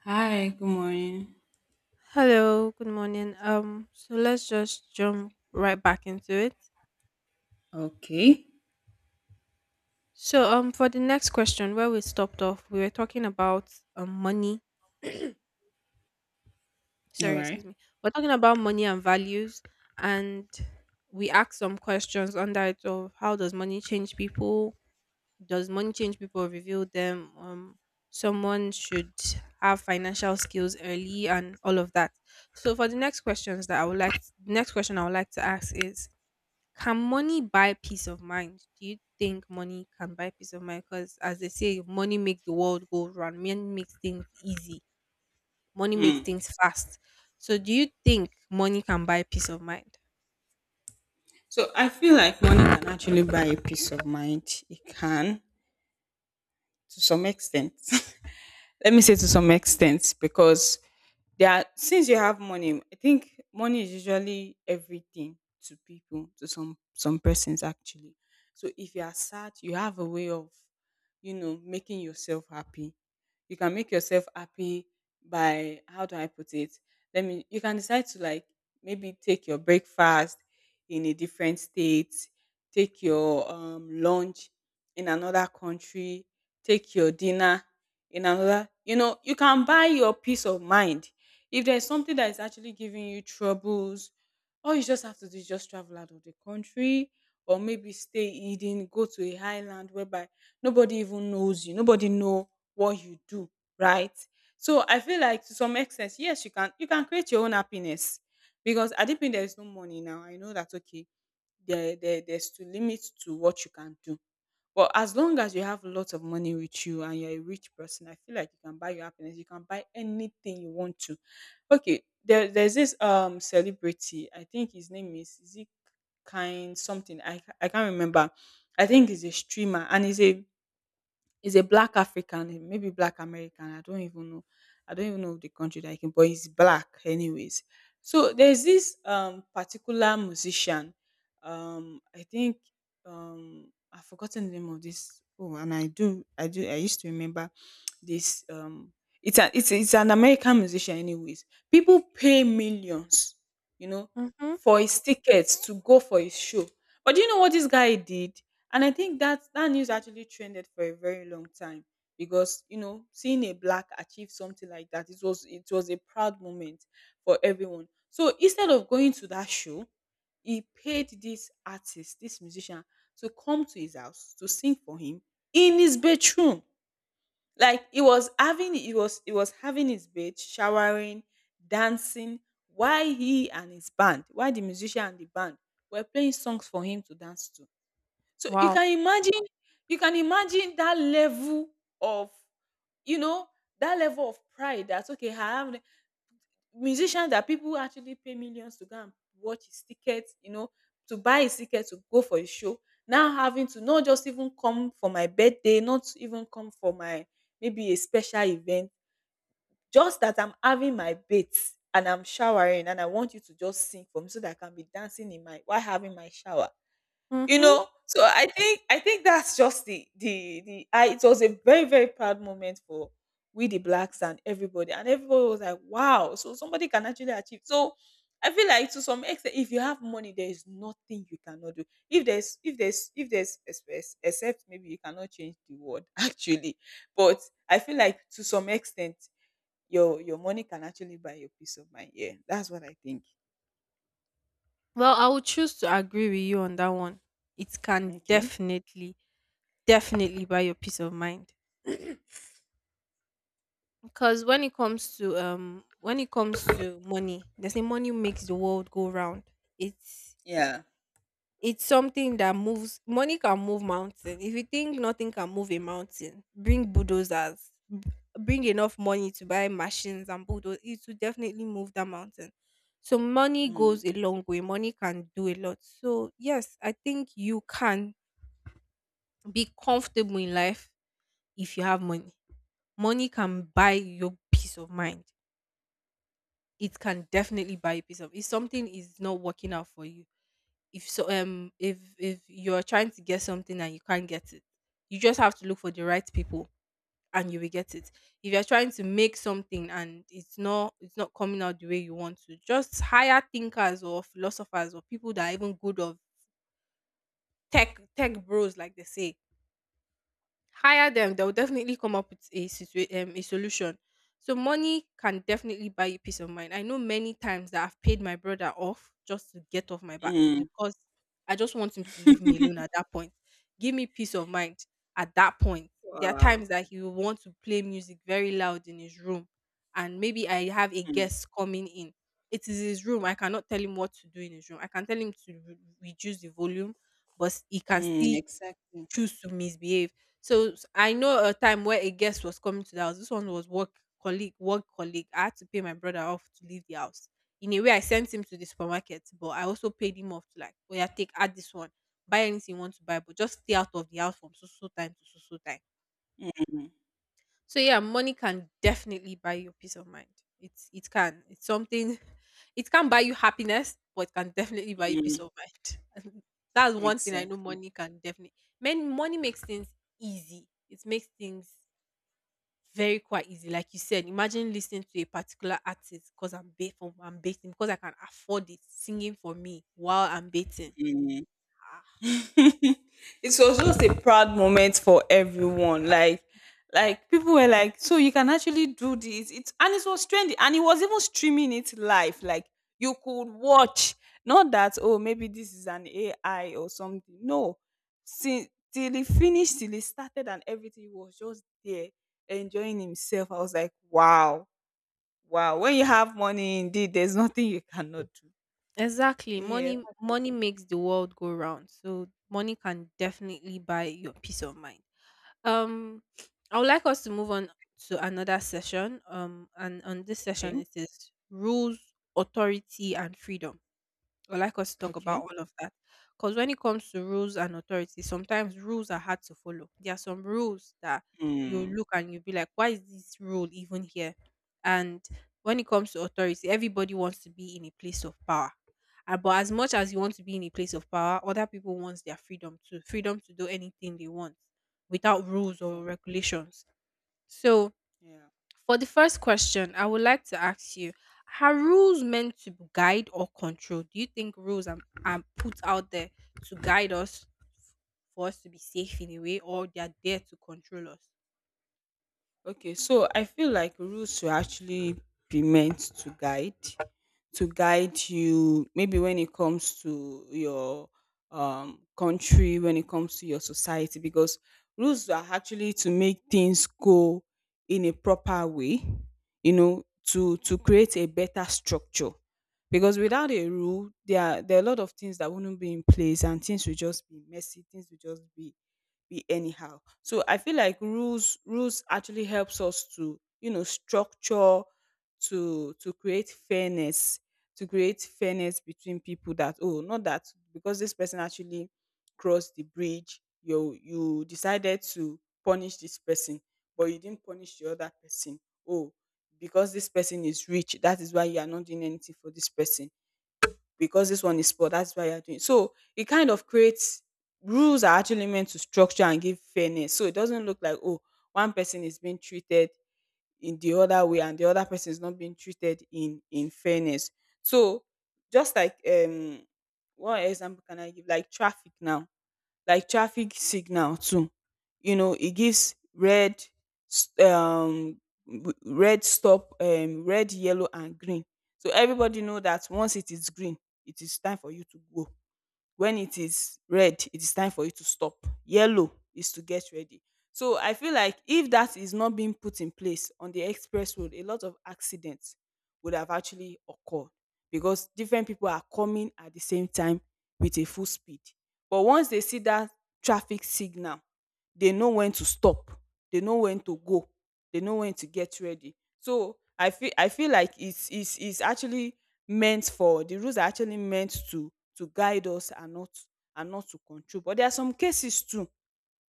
Hi, good morning. Hello, good morning. So let's just jump right back into it. Okay. So, for the next question, where we stopped off, we were talking about money. All Sorry, right. excuse me. We're talking about money and values, and we asked some questions under it of how does money change people? Does money change people? Reveal them. Someone should have financial skills early and all of that. So, for the next questions that I would like, next question I would like to ask is, can money buy peace of mind? Do you think money can buy peace of mind? Because as they say, money makes the world go round. Money makes things easy. Money Hmm. makes things fast. So do you think money can buy peace of mind? So I feel like money can actually buy a peace of mind. It can, to some extent. Let me say to some extent, because since you have money, I think money is usually everything to people, to some persons actually. So if you are sad, you have a way of making yourself happy. You can make yourself happy by how do I put it? Let me. You can decide to like maybe take your breakfast in a different state, take your lunch in another country, take your dinner in another. You can buy your peace of mind if there's something that is actually giving you troubles, all you just have to do is just travel out of the country or maybe stay hidden, go to a highland whereby nobody even knows you, nobody know what you do, right? So I feel like to some extent, yes, you can create your own happiness because at the not there is no money now. I know that okay, there's to limit to what you can do, but as long as you have lots of money with you and you're a rich person, I feel like you can buy your happiness. You can buy anything you want to. Okay, there's this celebrity. I think his name is it kind something. I can't remember. I think he's a streamer and he's a black African, maybe black American. I don't even know. I don't even know the country that he came, but he's black anyways. So there's this particular musician. I think I've forgotten the name of this. Oh, and I used to remember this it's an American musician anyways. People pay millions you know Mm-hmm. for his tickets to go for his show. But do you know what this guy did? And I think that news actually trended for a very long time, because seeing a black achieve something like that, it was a proud moment for everyone. So instead of going to that show, he paid this artist, this musician, to come to his house to sing for him in his bedroom. Like he was having his bath, showering, dancing, while the musician and the band were playing songs for him to dance to. So you Wow. can imagine you can imagine that level of, you know that level of pride. That okay, musicians that people actually pay millions to go and watch his ticket, to buy his ticket to go for his show. Now having to not just even come for my birthday, not even come for my, maybe a special event, just that I'm having my bath and I'm showering and I want you to just sing for me so that I can be dancing in my, while having my shower you Mm-hmm. know So I think that's just the I it was a very, very proud moment for we the blacks, and everybody was like, wow. So somebody can actually achieve. So I feel like to some extent, if you have money, there is nothing you cannot do. If there's express, except maybe you cannot change the world, actually. But I feel like to some extent, your money can actually buy your peace of mind. Yeah, that's what I think. Well, I would choose to agree with you on that one. It can Okay. definitely, definitely buy your peace of mind. Because when it comes to when it comes to money, they say money makes the world go round. It's Yeah. It's something that moves. Money can move mountain. If you think nothing can move a mountain, bring bulldozers. Bring enough money to buy machines and bulldoze. It will definitely move that mountain. So money Mm. goes a long way. Money can do a lot. So yes, I think you can be comfortable in life if you have money. Money can buy your peace of mind. It can definitely buy you peace of. If something is not working out for you, if you're trying to get something and you can't get it, you just have to look for the right people and you will get it. If you're trying to make something and it's not coming out the way you want to, just hire thinkers or philosophers or people that are even good of tech bros, like they say. Hire them, they'll definitely come up with a a solution. So money can definitely buy you peace of mind. I know many times that I've paid my brother off just to get off my back, Mm. because I just want him to leave me alone at that point. Give me peace of mind. At that point, there are Wow. times that he will want to play music very loud in his room, and maybe I have a guest coming in. It is his room, I cannot tell him what to do in his room. I can tell him to reduce the volume, but he can Mm, still exactly. choose to misbehave. So I know a time where a guest was coming to the house. This one was work colleague, work colleague. I had to pay my brother off to leave the house. In a way, I sent him to the supermarket, but I also paid him off to, like, oh yeah, take add this one, buy anything you want to buy, but just stay out of the house from so so time to so so time. Mm, So yeah, money can definitely buy you peace of mind. It can. It's something. It can buy you happiness, but it can definitely buy you peace mm, of mind. That's one thing I know exactly. money can definitely. Men, money makes things easy. It makes things very quite easy. Like you said, imagine listening to a particular artist because I'm baiting because I can afford it, singing for me while I'm baiting. Mm. Ah. It was just a proud moment for everyone. Like, people were like, so you can actually do this. It's — and it was trendy, and it was even streaming it live. Like, you could watch, not that, oh, maybe this is an AI or something. No, since till he finished, till he started, and everything, he was just there enjoying himself. I was like, wow. Wow. When you have money, indeed, there's nothing you cannot do. Exactly. Yeah, that's just — Money makes the world go round. So money can definitely buy your peace of mind. Um, I would like us to move on to another session. Um, and on this okay. session it is rules, authority and freedom. Or like us to talk about Okay. all of that. Because when it comes to rules and authority, sometimes rules are hard to follow. There are some rules that you Hmm. look and you'll be like, why is this rule even here? And when it comes to authority, everybody wants to be in a place of power. But as much as you want to be in a place of power, other people want their freedom too, freedom to do anything they want without rules or Exactly. regulations. So, Yeah. for the first question, I would like to ask you, are rules meant to guide or control? Do you think rules are put out there to guide us, for us to be safe in a way, or they are there to control us? Okay. So I feel like rules should actually be meant to guide you maybe when it comes to your country, when it comes to your society, because rules are actually to make things go in a proper way to create a better structure, because without a rule, there are a lot of things that wouldn't be in place, and things will just be messy. Things will just be anyhow. So I feel like rules actually helps us to structure to create fairness, to create fairness between people. That, oh, not that because this person actually crossed the bridge, you decided to punish this person, but you didn't punish the other person. Oh, because this person is rich, that is why you are not doing anything for this person. Because this one is poor, that's why you are doing. So it kind of creates — rules are actually meant to structure and give fairness, so it doesn't look like, oh, one person is being treated in the other way, and the other person is not being treated in fairness. So, just like, what example can I give? Like traffic now, like traffic signal too. It gives red s- w- red stop red, yellow, and green. So everybody know that once it is green, it is time for you to go. When it is red, it is time for you to stop. Yellow is to get ready. So I feel like if that is not being put in place on the express road, a lot of accidents would have actually occurred, because different people are coming at the same time with a full speed, but once they see that traffic signal, they know when to stop, they know when to go, they know when to get ready. So I feel like it's actually meant for the rules are actually meant to guide us, and not, and not to control. But there are some cases too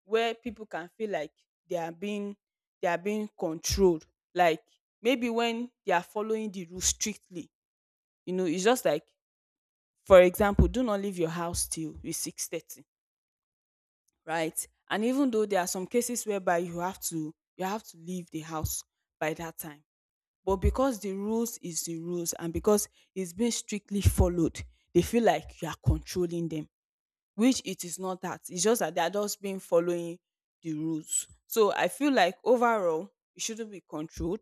where people can feel like they are being they are being controlled. Like, maybe when they are following the rule strictly, it's just like, for example, do not leave your house till it's 6:30, right? And even though there are some cases whereby you have to leave the house by that time, but because the rules is the rules, and because it's being strictly followed, they feel like you are controlling them, which it is not that. It's just that they are just being following the rules. So I feel like overall, it shouldn't be controlled.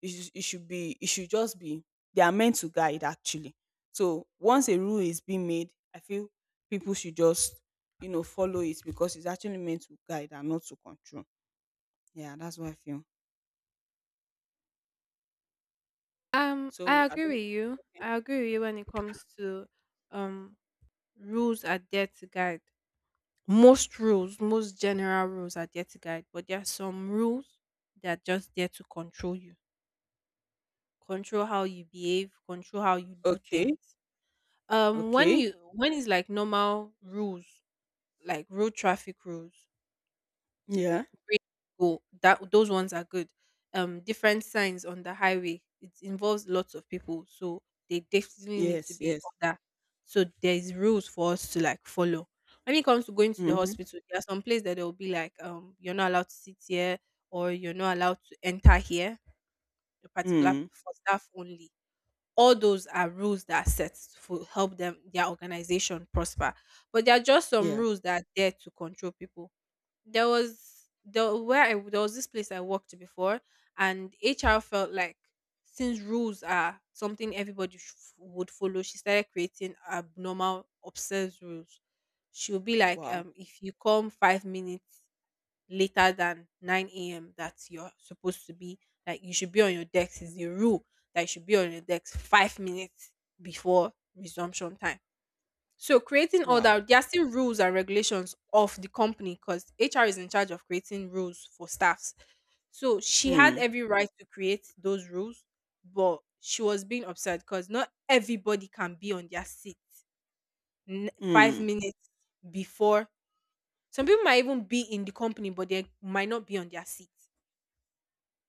It should be. It should just be. They are meant to guide, actually. So once a rule is being made, I feel people should just follow it, because it's actually meant to guide and not to control. Yeah, that's what I feel. So I I agree don't. with you. I agree with you when it comes to um rules are there to guide. Most rules, most general rules are there to guide, but there are some rules that are just there to control you, control how you behave, control how you do Okay. things. When Okay. you when it's like normal rules, like road traffic rules, Yeah. where you go, that those ones are good. Different signs on the highway. It involves lots of people, so they definitely need to Yes. be on Yes. that. So there's rules for us to like follow. When it comes to going to the Mm-hmm. hospital, there are some places that they will be like, you're not allowed to sit here, or you're not allowed to enter here. A particular Mm. for staff only. All those are rules that are set to help them their organization prosper, but there are just some Yeah. rules that are there to control people. There was the where I, there was this place I worked before, and HR felt like, since rules are something everybody would follow, she started creating abnormal obsessed rules. She'll be like, Wow. um, if you come 5 minutes later than 9 a.m. that you're supposed to be, like you should be on your decks, is the rule that you should be on your decks 5 minutes before resumption time. So creating all Wow. that, there are still rules and regulations of the company, because HR is in charge of creating rules for staffs. So she had Mm. every right to create those rules, but she was being upset because not everybody can be on their seat five Mm. minutes before. Some people might even be in the company, but they might not be on their seat.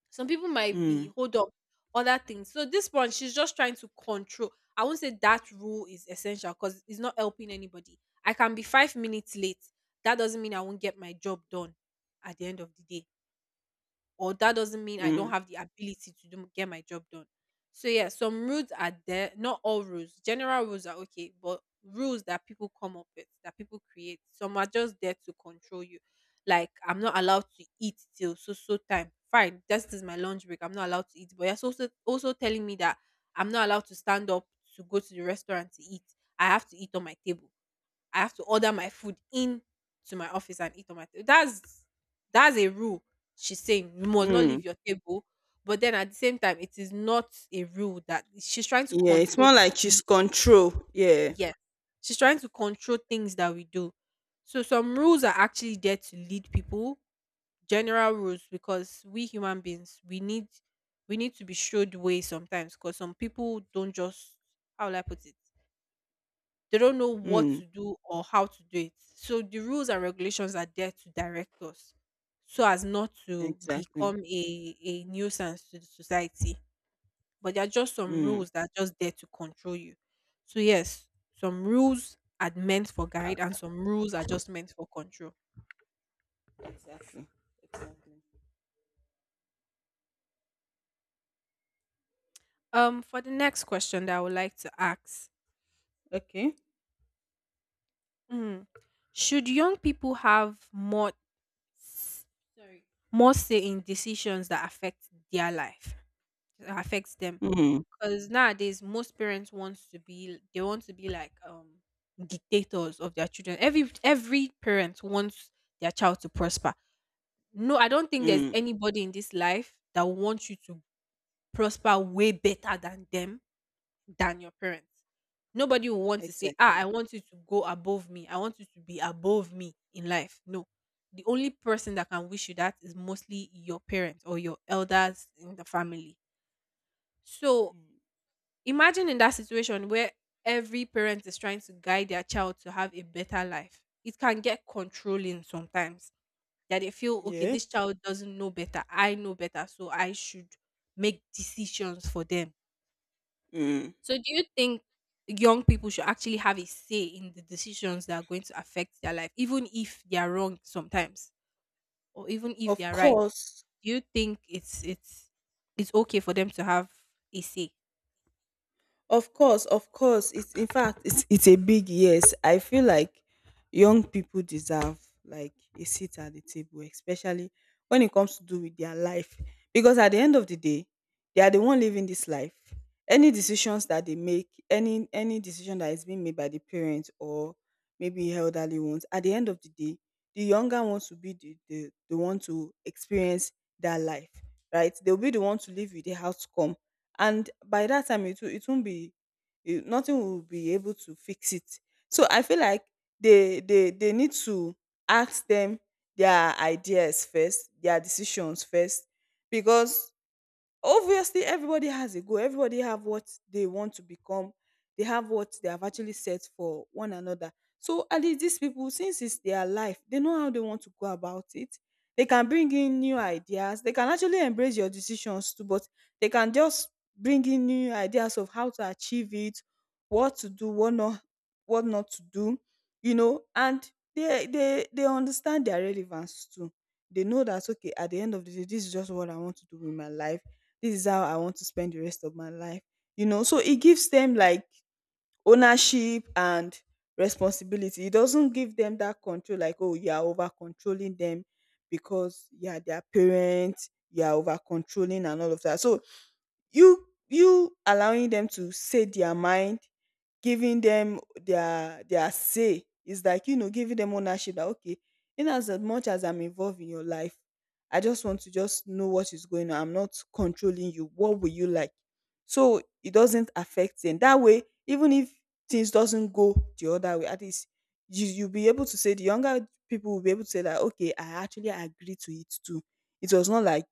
Some people might be Mm. hold up other things. So this one, she's just trying to control. I won't say that rule is essential because it's not helping anybody. I can be 5 minutes late. That doesn't mean I won't get my job done at the end of the day, or that doesn't mean I don't Mm, have the ability to do, get my job done. So yeah, some rules are there, not all rules. General rules are okay, but rules that people come up with, that people create, some are just there to control you. Like I'm not allowed to eat till so so time. Fine, this is my lunch break. I'm not allowed to eat, but you're also also telling me that I'm not allowed to stand up to go to the restaurant to eat. I have to eat on my table, I have to order my food in to my office and eat on my table. That's a rule, she's saying you must not mm. leave your table. But then at the same time, it is not a rule that she's trying to Yeah, it's control. more like she's y- control. Yeah. Yes, she's trying to control things that we do. So some rules are actually there to lead people. General rules, because we human beings we need to be showed way sometimes, because some people don't just, how will I put it, they don't know what Mm, to do or how to do it. So the rules and regulations are there to direct us so as not to exactly. become a nuisance to the society. But there are just some Mm, rules that are just there to control you. So yes, some rules are meant for guide and some rules are just meant for control. exactly. Exactly. For the next question that I would like to ask, Okay. mm, should young people have more s- sorry more say in decisions that affect their life, that affects them? Mm, Because nowadays most parents want to be, they want to be like, um, dictators of their children. Every parent wants their child to prosper. No, I don't think there's mm, anybody in this life that wants you to prosper way better than them, than your parents. Nobody will want to say, ah, exactly. I want you to go above me, I want you to be above me in life. No, the only person that can wish you that is mostly your parents or your elders in the family. So Mm. imagine in that situation where every parent is trying to guide their child to have a better life. It can get controlling sometimes that they feel, okay, this Yes. child doesn't know better. I know better. So I should make decisions for them. Mm. So, do you think young people should actually have a say in the decisions that are going to affect their life, even if they are wrong sometimes, or even if they Of are right? course. Do you think it's okay for them to have a say? Of course, of course. It's, in fact, it's a big yes. I feel like young people deserve, like, a seat at the table, especially when it comes to do with their life. Because at the end of the day, they are the one living this life. Any decisions that they make, any decision that is being made by the parents or maybe elderly ones, at the end of the day, the younger ones will be the one to experience that life, right? They'll be the one to live with the outcome, and by that time it will it won't be it, nothing will be able to fix it. So I feel like they need to ask them their ideas first, their decisions first, because obviously, everybody has a goal. Everybody have what they want to become. They have what they have actually set for one another. So at least these people, since it's their life, they know how they want to go about it. They can bring in new ideas. They can actually embrace your decisions too, but they can just bring in new ideas of how to achieve it, what to do, what not to do. And they understand their relevance too. They know that okay, at the end of the day, this is just what I want to do with my life. This is how I want to spend the rest of my life. So it gives them, like, ownership and responsibility. It doesn't give them that control, like, oh, you are over controlling them because you are their parents, you are over controlling and all of that. So you allowing them to say their mind, giving them their say is like, giving them ownership that, okay, in as much as I'm involved in your life, I just want to just know what is going on. I'm not controlling you. What will you like? So it doesn't affect them that way, even if things doesn't go the other way, at least you'll be able to say, the younger people will be able to say that, okay, I actually agree to it too. It was not like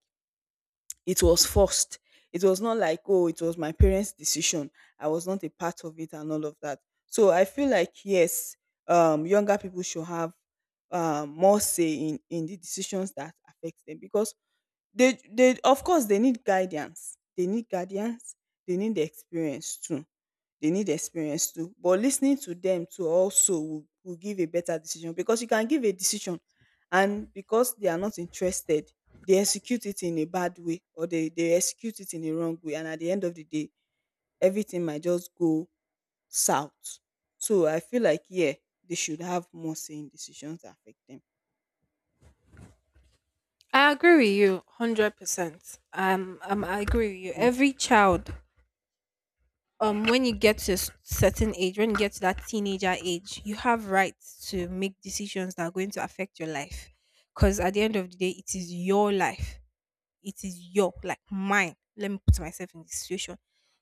it was forced. It was not like, oh, it was my parents' decision. I was not a part of it and all of that. So I feel like, yes, younger people should have more say in the decisions that affect them because they of course they need guidance. They need guidance. They need the experience too, they need experience too. But listening to them too also will give a better decision, because you can give a decision, and because they are not interested, they execute it in a bad way, or they execute it in a wrong way, and at the end of the day everything might just go south. So I feel like, yeah, they should have more say in decisions that affect them. I agree with you 100%. I agree with you. Mm. Every child when you get to a certain age, when you get to that teenager age, you have rights to make decisions that are going to affect your life, because at the end of the day it is your life. It is your, like, mine. Let me put myself in this situation.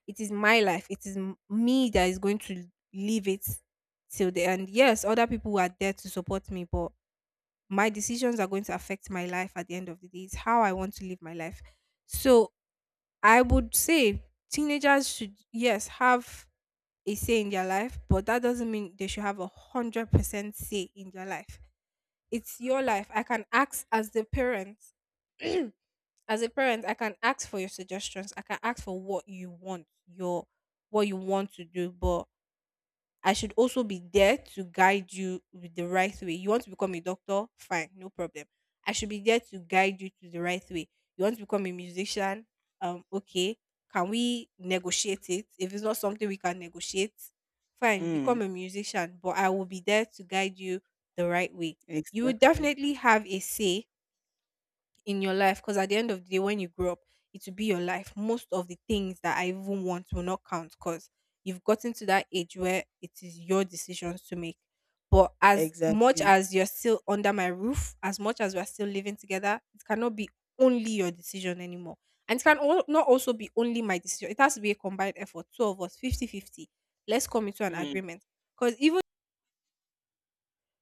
It is my life. It is me that is going to live it till the end. Yes, other people are there to support me, but my decisions are going to affect my life. At the end of the day, it's how I want to live my life. So I would say teenagers should, yes, have a say in their life, but that doesn't mean they should have 100% say in their life. It's your life. I can ask as a parent, I can ask for your suggestions. I can ask for what you want, your what you want to do, but I should also be there to guide you with the right way. You want to become a doctor? Fine, no problem. I should be there to guide you to the right way. You want to become a musician? Okay. Can we negotiate it? If it's not something we can negotiate, fine, become Mm. a musician, but I will be there to guide you the right way. You will Exactly. definitely have a say in your life, because at the end of the day when you grow up, it will be your life. Most of the things that I even want will not count, because you've gotten to that age where it is your decisions to make. But as much Exactly. as you're still under my roof, as much as we're still living together, it cannot be only your decision anymore, and it can, not also be only my decision. It has to be a combined effort, two of us, 50-50. Let's come into an Mm. agreement, because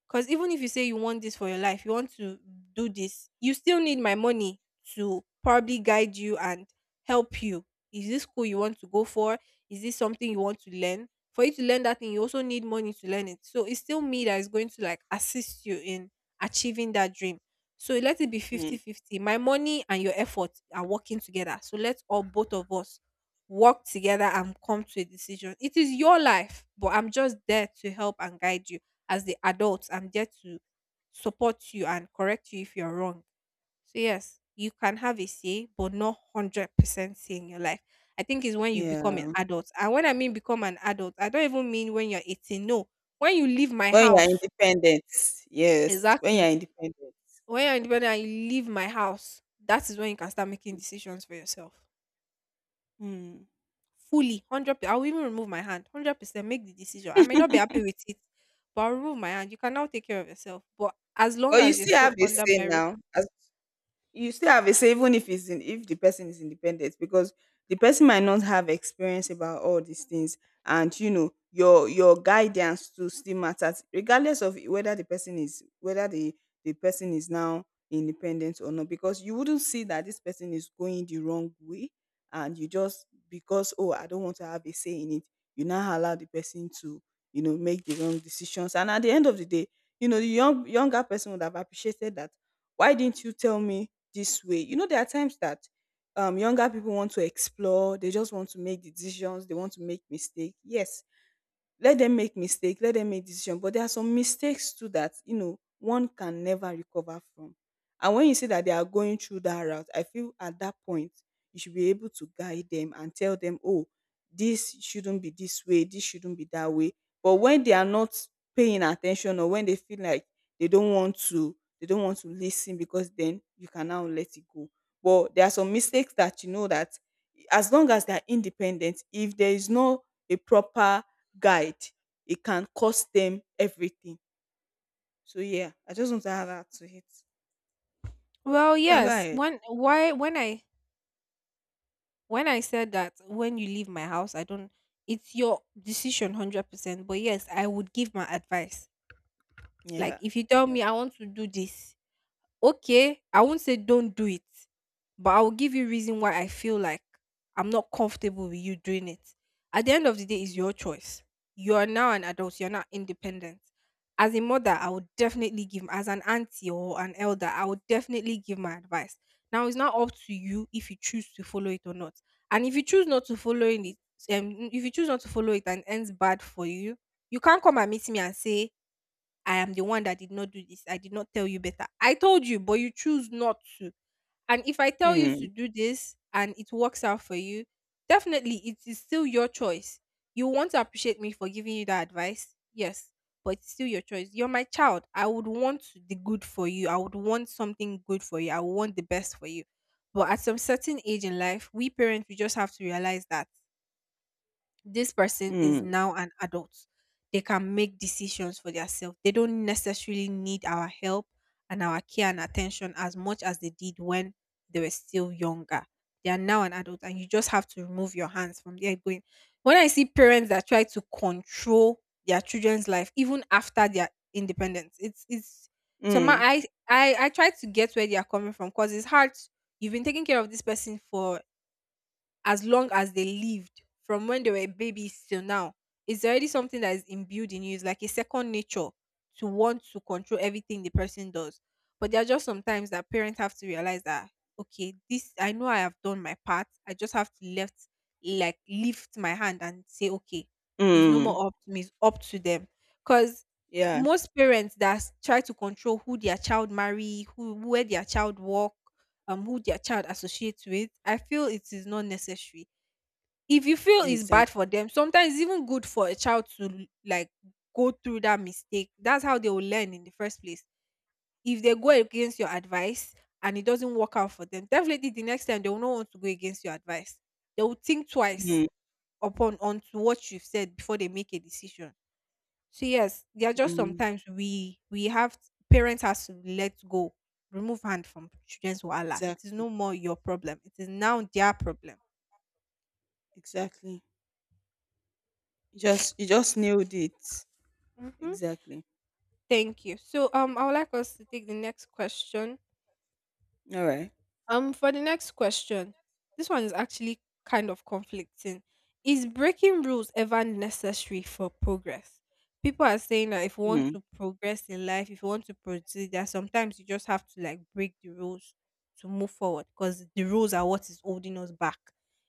because even if you say you want this for your life, you want to do this, you still need my money to probably guide you and help you. Is this school you want to go for? Is this something you want to learn? For you to learn that thing, you also need money to learn it. So it's still me that is going to like assist you in achieving that dream. So let it be Mm. 50-50. My money and your effort are working together. So let's all, both of us, work together and come to a decision. It is your life, but I'm just there to help and guide you. As the adults, I'm there to support you and correct you if you're wrong. So yes, you can have a say, but not 100% say in your life. I think is when you become Yeah. an adult, and when I mean become an adult, I don't even mean when you're 18, no. When you leave my When you are house. independent, yes. When you are Exactly, independent. when you're independent and you leave my house, that is when you can start making decisions for yourself Mm. fully 100. I'll even remove my hand, 100% make the decision. I may not be happy with it, but I'll remove my hand. You can now take care of yourself, but as long But you as you're still still have a under say my. now, you still have a say, even if it's in, if the person is independent, because the person might not have experience about all these things, and you know your guidance to still matters, regardless of whether the person is, whether the person is now independent or not, because you wouldn't see that this person is going the wrong way and you just, because, oh, I don't want to have a say in it, you now allow the person to, make the wrong decisions, and at the end of the day, the younger person would have appreciated that, why didn't you tell me this way. You know, there are times that younger people want to explore, they just want to make decisions, they want to make mistakes. Yes, let them make mistake, let them make decision, but there are some mistakes too that, one can never recover from. And when you say that they are going through that route, I feel at that point you should be able to guide them and tell them, "Oh, this shouldn't be this way, this shouldn't be that way." But when they are not paying attention, or when they feel like they don't want to listen, because then you can now let it go. But there are some mistakes that that, as long as they are independent, if there is no a proper guide, it can cost them everything. So yeah, I just want to add that to it. Well, You can go yes. ahead. When I said that when you leave my house, I don't. It's your decision, 100%. But yes, I would give my advice. Like, Yeah. if you tell Yeah. me I want to do this, okay, I won't say don't do it, but I will give you reason why I feel like I'm not comfortable with you doing it. At the end of the day, it's your choice. You are now an adult, you're not independent. As a mother, I would definitely give, as an auntie or an elder, I would definitely give my advice. Now, it's not up to you if you choose to follow it or not. And if you choose not to follow it and ends bad for you, you can't come and meet me and say, I am the one that did not do this. I did not tell you better. I told you, but you choose not to. And if I tell you Mm, to do this and it works out for you, definitely it is still your choice. You want to appreciate me for giving you that advice? Yes, but it's still your choice. You're my child. I would want the good for you. I would want something good for you. I would want the best for you. But at some certain age in life, we parents, we just have to realize that this person is mm, now an adult. They can make decisions for themselves. They don't necessarily need our help and our care and attention as much as they did when they were still younger. They are now an adult, and you just have to remove your hands from there. Going when I see parents that try to control their children's life even after their independence. it's it's so my mm, I I I try to get where they are coming from because it's hard. You've been taking care of this person for as long as they lived, from when they were babies till now. It's already something that is imbued in you. It's like a second nature to want to control everything the person does. But there are just sometimes that parents have to realize that, okay, this I know I have done my part. I just have to left like lift my hand and say, okay, it's no mm. more up to me, it's up to them. Because Yeah. most parents that try to control who their child marry, who where their child work, who their child associates with, I feel it is not necessary. If you feel it's Exactly. bad for them, sometimes it's even good for a child to like go through that mistake. That's how they will learn in the first place. If they go against your advice and it doesn't work out for them, definitely the next time they will not want to go against your advice. They will think twice Mm, upon onto what you've said before they make a decision. So yes, there are just mm. sometimes we have parents has to let go, remove hand from children's wahala. It is Exactly. no more your problem. It is now their problem. Exactly. You just nailed it. hmm Exactly. Thank you. So, I would like us to take the next question. All right. For the next question, this one is actually kind of conflicting. Is breaking rules ever necessary for progress? People are saying that if you want Mm, to progress in life, if you want to proceed, that sometimes you just have to like break the rules to move forward, because the rules are what is holding us back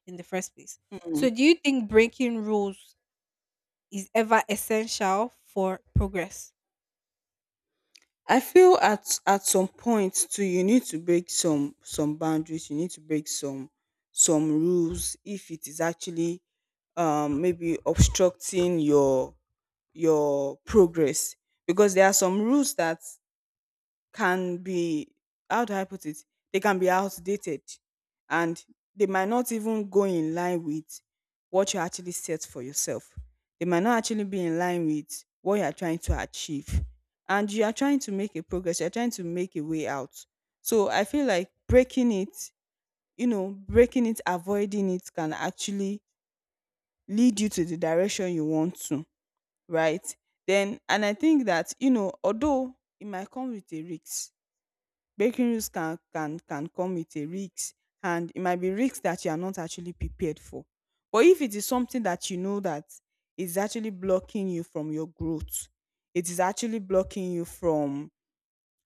in the first place. mm. So, do you think breaking rules is ever essential for progress? I feel at some point too you need to break some boundaries, you need to break some rules if it is actually maybe obstructing your progress, because there are some rules that can be, how do I put it? They can be outdated, and they might not even go in line with what you actually set for yourself. They might not actually be in line with what you are trying to achieve. And you are trying to make a progress, you're trying to make a way out. So I feel like breaking it, breaking it, avoiding it can actually lead you to the direction you want to, right? Then, and I think that, although it might come with a risk, breaking rules can come with a risk, and it might be risks that you are not actually prepared for. But if it is something that you know that is actually blocking you from your growth, it is actually blocking you from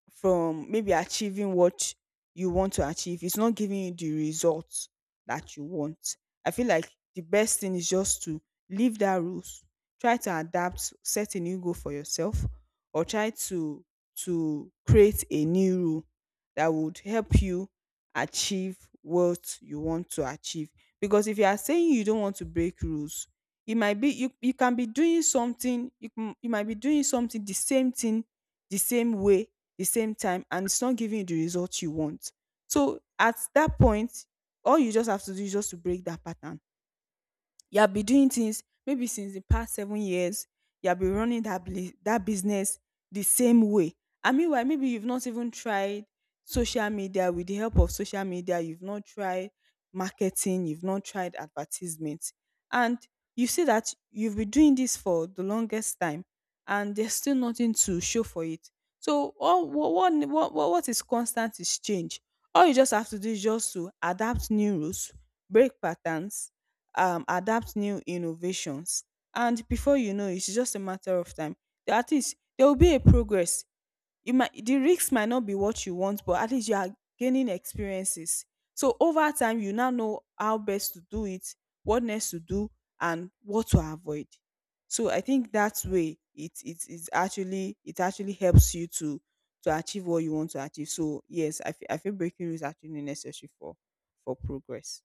from maybe achieving what you want to achieve. It's not giving you the results that you want. I feel like the best thing is just to leave that rules, try to adapt, set a new goal for yourself, or try to create a new rule that would help you achieve what you want to achieve. Because if you are saying you don't want to break rules, it might be you, you can be doing something you, you might be doing something the same thing the same way the same time, and it's not giving you the result you want. So at that point, all you just have to do is just to break that pattern. You have been doing things maybe since the past 7 years, you have been running that business the same way, and meanwhile maybe you've not even tried social media. With the help of social media, you've not tried marketing, you've not tried advertisement, and you see that you've been doing this for the longest time and there's still nothing to show for it. So all, what is constant is change. All you just have to do is just to adapt new rules, break patterns, adapt new innovations. And before you know, it's just a matter of time. At least there will be a progress. You might, the risks might not be what you want, but at least you are gaining experiences. So over time, you now know how best to do it, what next to do, and what to avoid. So I think that way it is actually it actually helps you to achieve what you want to achieve. So yes, I feel breaking rules is actually necessary for progress.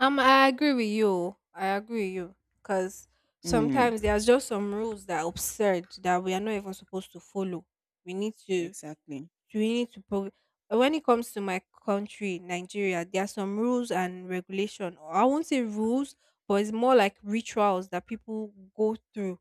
I agree with you. I agree with you, because Mm, sometimes there's just some rules that are absurd that we are not even supposed to follow. We need to, exactly. we need to. When it comes to my country, Nigeria, there are some rules and regulation. Or I won't say rules, but it's more like rituals that people go through,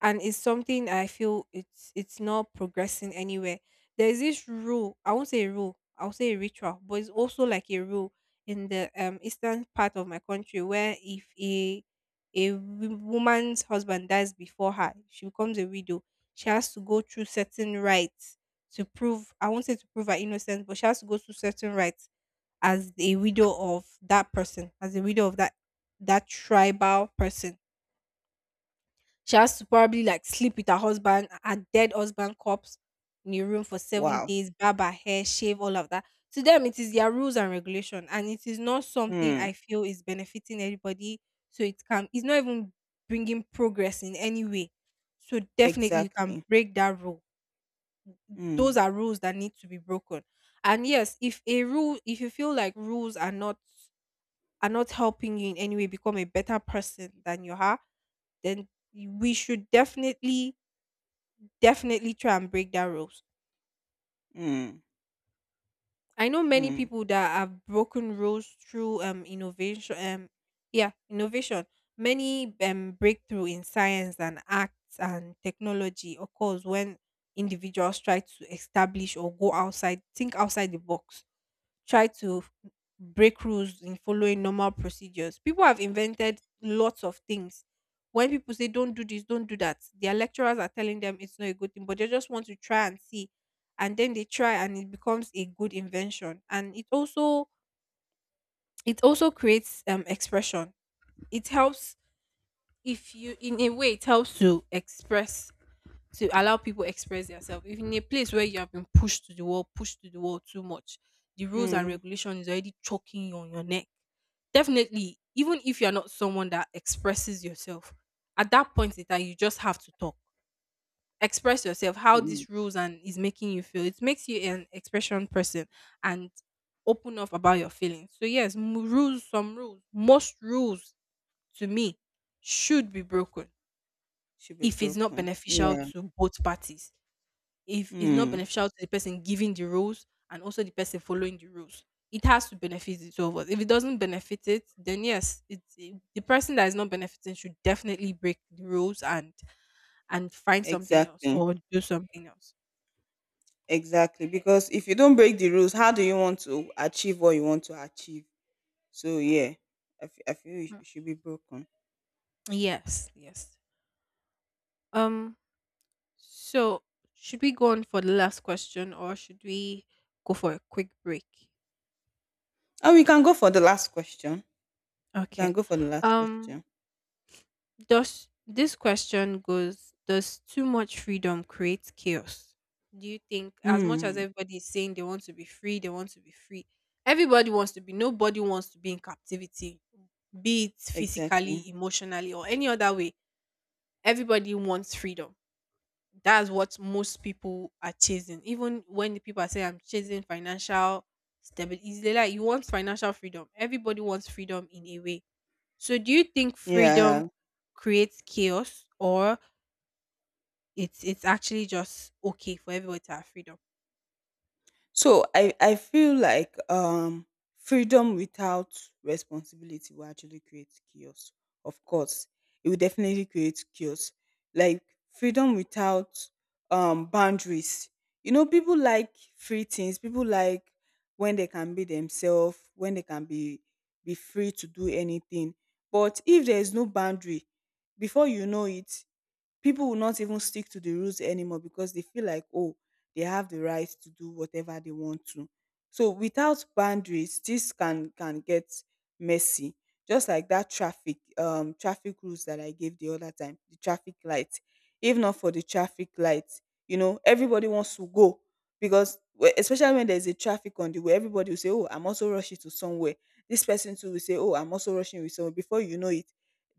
and it's something I feel it's not progressing anywhere. There is this rule. I won't say a rule. I'll say a ritual, but it's also like a rule in the eastern part of my country, where if a woman's husband dies before her, she becomes a widow. She has to go through certain rites to prove. I won't say to prove her innocence, but she has to go through certain rites as a widow of that person, as a widow of that tribal person. She has to probably like sleep with her husband, her dead husband corpse, in a room for seven Wow. days, barb her hair, shave, all of that. To them, it is their rules and regulation, and it is not something Mm. I feel is benefiting anybody. So it's not even bringing progress in any way. So definitely, you can Exactly. break that rule. Those Mm. are rules that need to be broken. And yes, if you feel like rules are not helping you in any way become a better person than you are, then we should definitely try and break that rules. Mm. I know many Mm. people that have broken rules through innovation, yeah, innovation. Many breakthrough in science and arts and technology occurs when individuals try to establish or go outside, think outside the box, try to break rules in following normal procedures. People have invented lots of things. When people say don't do this, don't do that, their lecturers are telling them it's not a good thing, but they just want to try and see. And then they try and it becomes a good invention. And it also creates expression. It helps, if you, in a way, it helps to express, to allow people express themselves. If in a place where you have been pushed to the wall, pushed to the wall too much, the rules and Mm. regulation is already choking you on your neck. Definitely, even if you're not someone that expresses yourself, at that point in time, you just have to talk. Express yourself, how Mm. these rules and is making you feel. It makes you an expression person and open up about your feelings. So, yes, rules, some rules, most rules, to me, should be broken Should be if it's not broken. beneficial Yeah. to both parties, if it's not Mm. beneficial to the person giving the rules and also the person following the rules. It has to benefit the two of us. If it doesn't benefit it, then yes, the person that is not benefiting should definitely break the rules and find something else Exactly. or do something else. Exactly. Because if you don't break the rules, how do you want to achieve what you want to achieve? So yeah, I feel Mm. it should be broken. Yes, yes. Um. So should we go on for the last question or should we go for a quick break? And we can go for the last question. We can Okay. go for the last Um. question. Does this question goes, does too much freedom create chaos? Do you think as much as Hmm. everybody is saying they want to be free, everybody wants to be, nobody wants to be in captivity, be it Exactly. physically, emotionally, or any other way. Everybody wants freedom. That's what most people are chasing. Even when the people are saying I'm chasing financial stability, they're like you want financial freedom. Everybody wants freedom in a way, so do you think freedom Yeah. creates chaos or it's actually just okay for everybody to have freedom? So I feel like freedom without responsibility will actually create chaos. Of course, it will definitely create chaos. Like freedom without boundaries. You know, people like free things. People like when they can be themselves, when they can be free to do anything. But if there is no boundary, before you know it, people will not even stick to the rules anymore because they feel like, oh, they have the right to do whatever they want to. So without boundaries, this can get messy. Just like that traffic rules that I gave the other time, the traffic light. If not for the traffic light, everybody wants to go, because especially when there's a traffic on the way, everybody will say, "Oh, I'm also rushing to somewhere." This person too will say, "Oh, I'm also rushing with someone." Before you know it,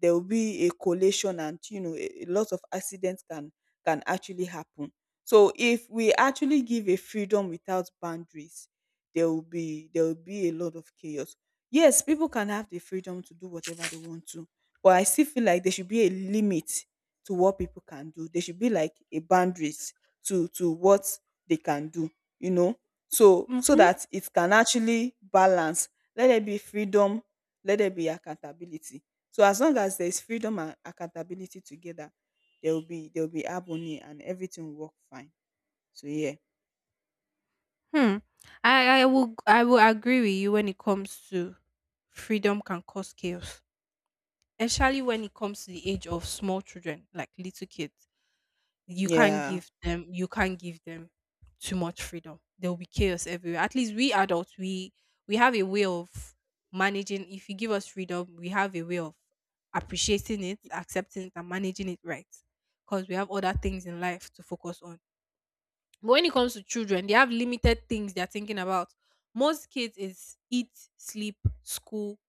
there will be a collation, and a lot of accidents can actually happen. So if we actually give a freedom without boundaries, there will be a lot of chaos. Yes, people can have the freedom to do whatever they want to, but I still feel like there should be a limit to what people can do. There should be like a boundaries to what they can do, you know. So Mm-hmm. that it can actually balance. Let there be freedom, let there be accountability, so as long as there's freedom and accountability together, there will be harmony and everything will work fine. So yeah. Hmm. I will agree with you when it comes to freedom can cause chaos. Especially when it comes to the age of small children, like little kids. Yeah. You can't give them too much freedom, there will be chaos everywhere. At least we adults, we have a way of managing. If you give us freedom, we have a way of appreciating it, accepting it, and managing it, right? Because we have other things in life to focus on. But when it comes to children, they have limited things they're thinking about. Most kids is eat, sleep, school,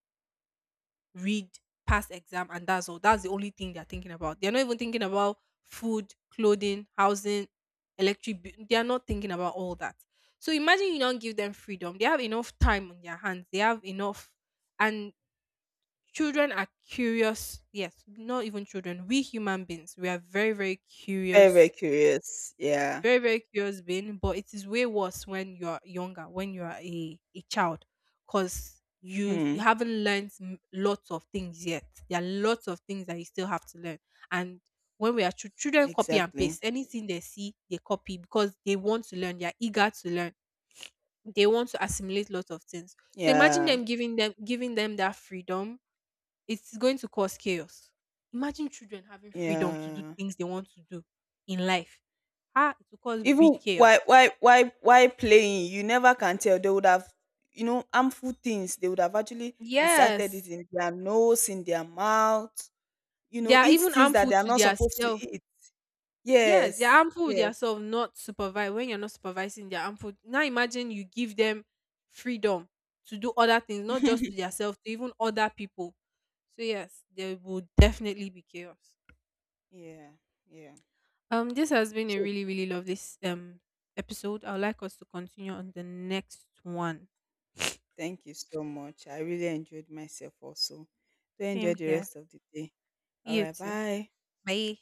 read, pass exam, and that's all. That's the only thing they're thinking about. They're not even thinking about food, clothing, housing, electric. Bill. They are not thinking about all that. So imagine you don't give them freedom. They have enough time on their hands. They have enough, and children are curious. Yes, not even children. We human beings, we are very, very Very, very curious, curious. Yeah. very, very curious being. But it is way worse when you're younger, when you're a child, because Hmm. you haven't learned lots of things yet. There are lots of things that you still have to learn. And when we are children, copy and Exactly. paste anything they see, they copy because they want to learn, they're eager to learn, they want to assimilate lots of things. So imagine Yeah. them giving them that freedom, it's going to cause chaos. Imagine children having freedom to do Yeah. things they want to do in life. Ah, it will cause big Even chaos. why playing, you never can tell. They would have, harmful things, they would have actually inserted it Yes. in their nose, in their mouth, They are eat even things that harmful they are to not their supposed to self. eat. Yes, they're Yes. harmful with their Yes. self, not supervised. When you're not supervising, they're harmful. Now imagine you give them freedom to do other things, not just to their self, to even other people. So yes, there will definitely be chaos. Yeah. Yeah. This has been a So really, really lovely episode. I would like us to continue on the next one. thank you so much. I really enjoyed myself also. Do enjoy Same the here. rest of the day. All You right, too. bye. Bye.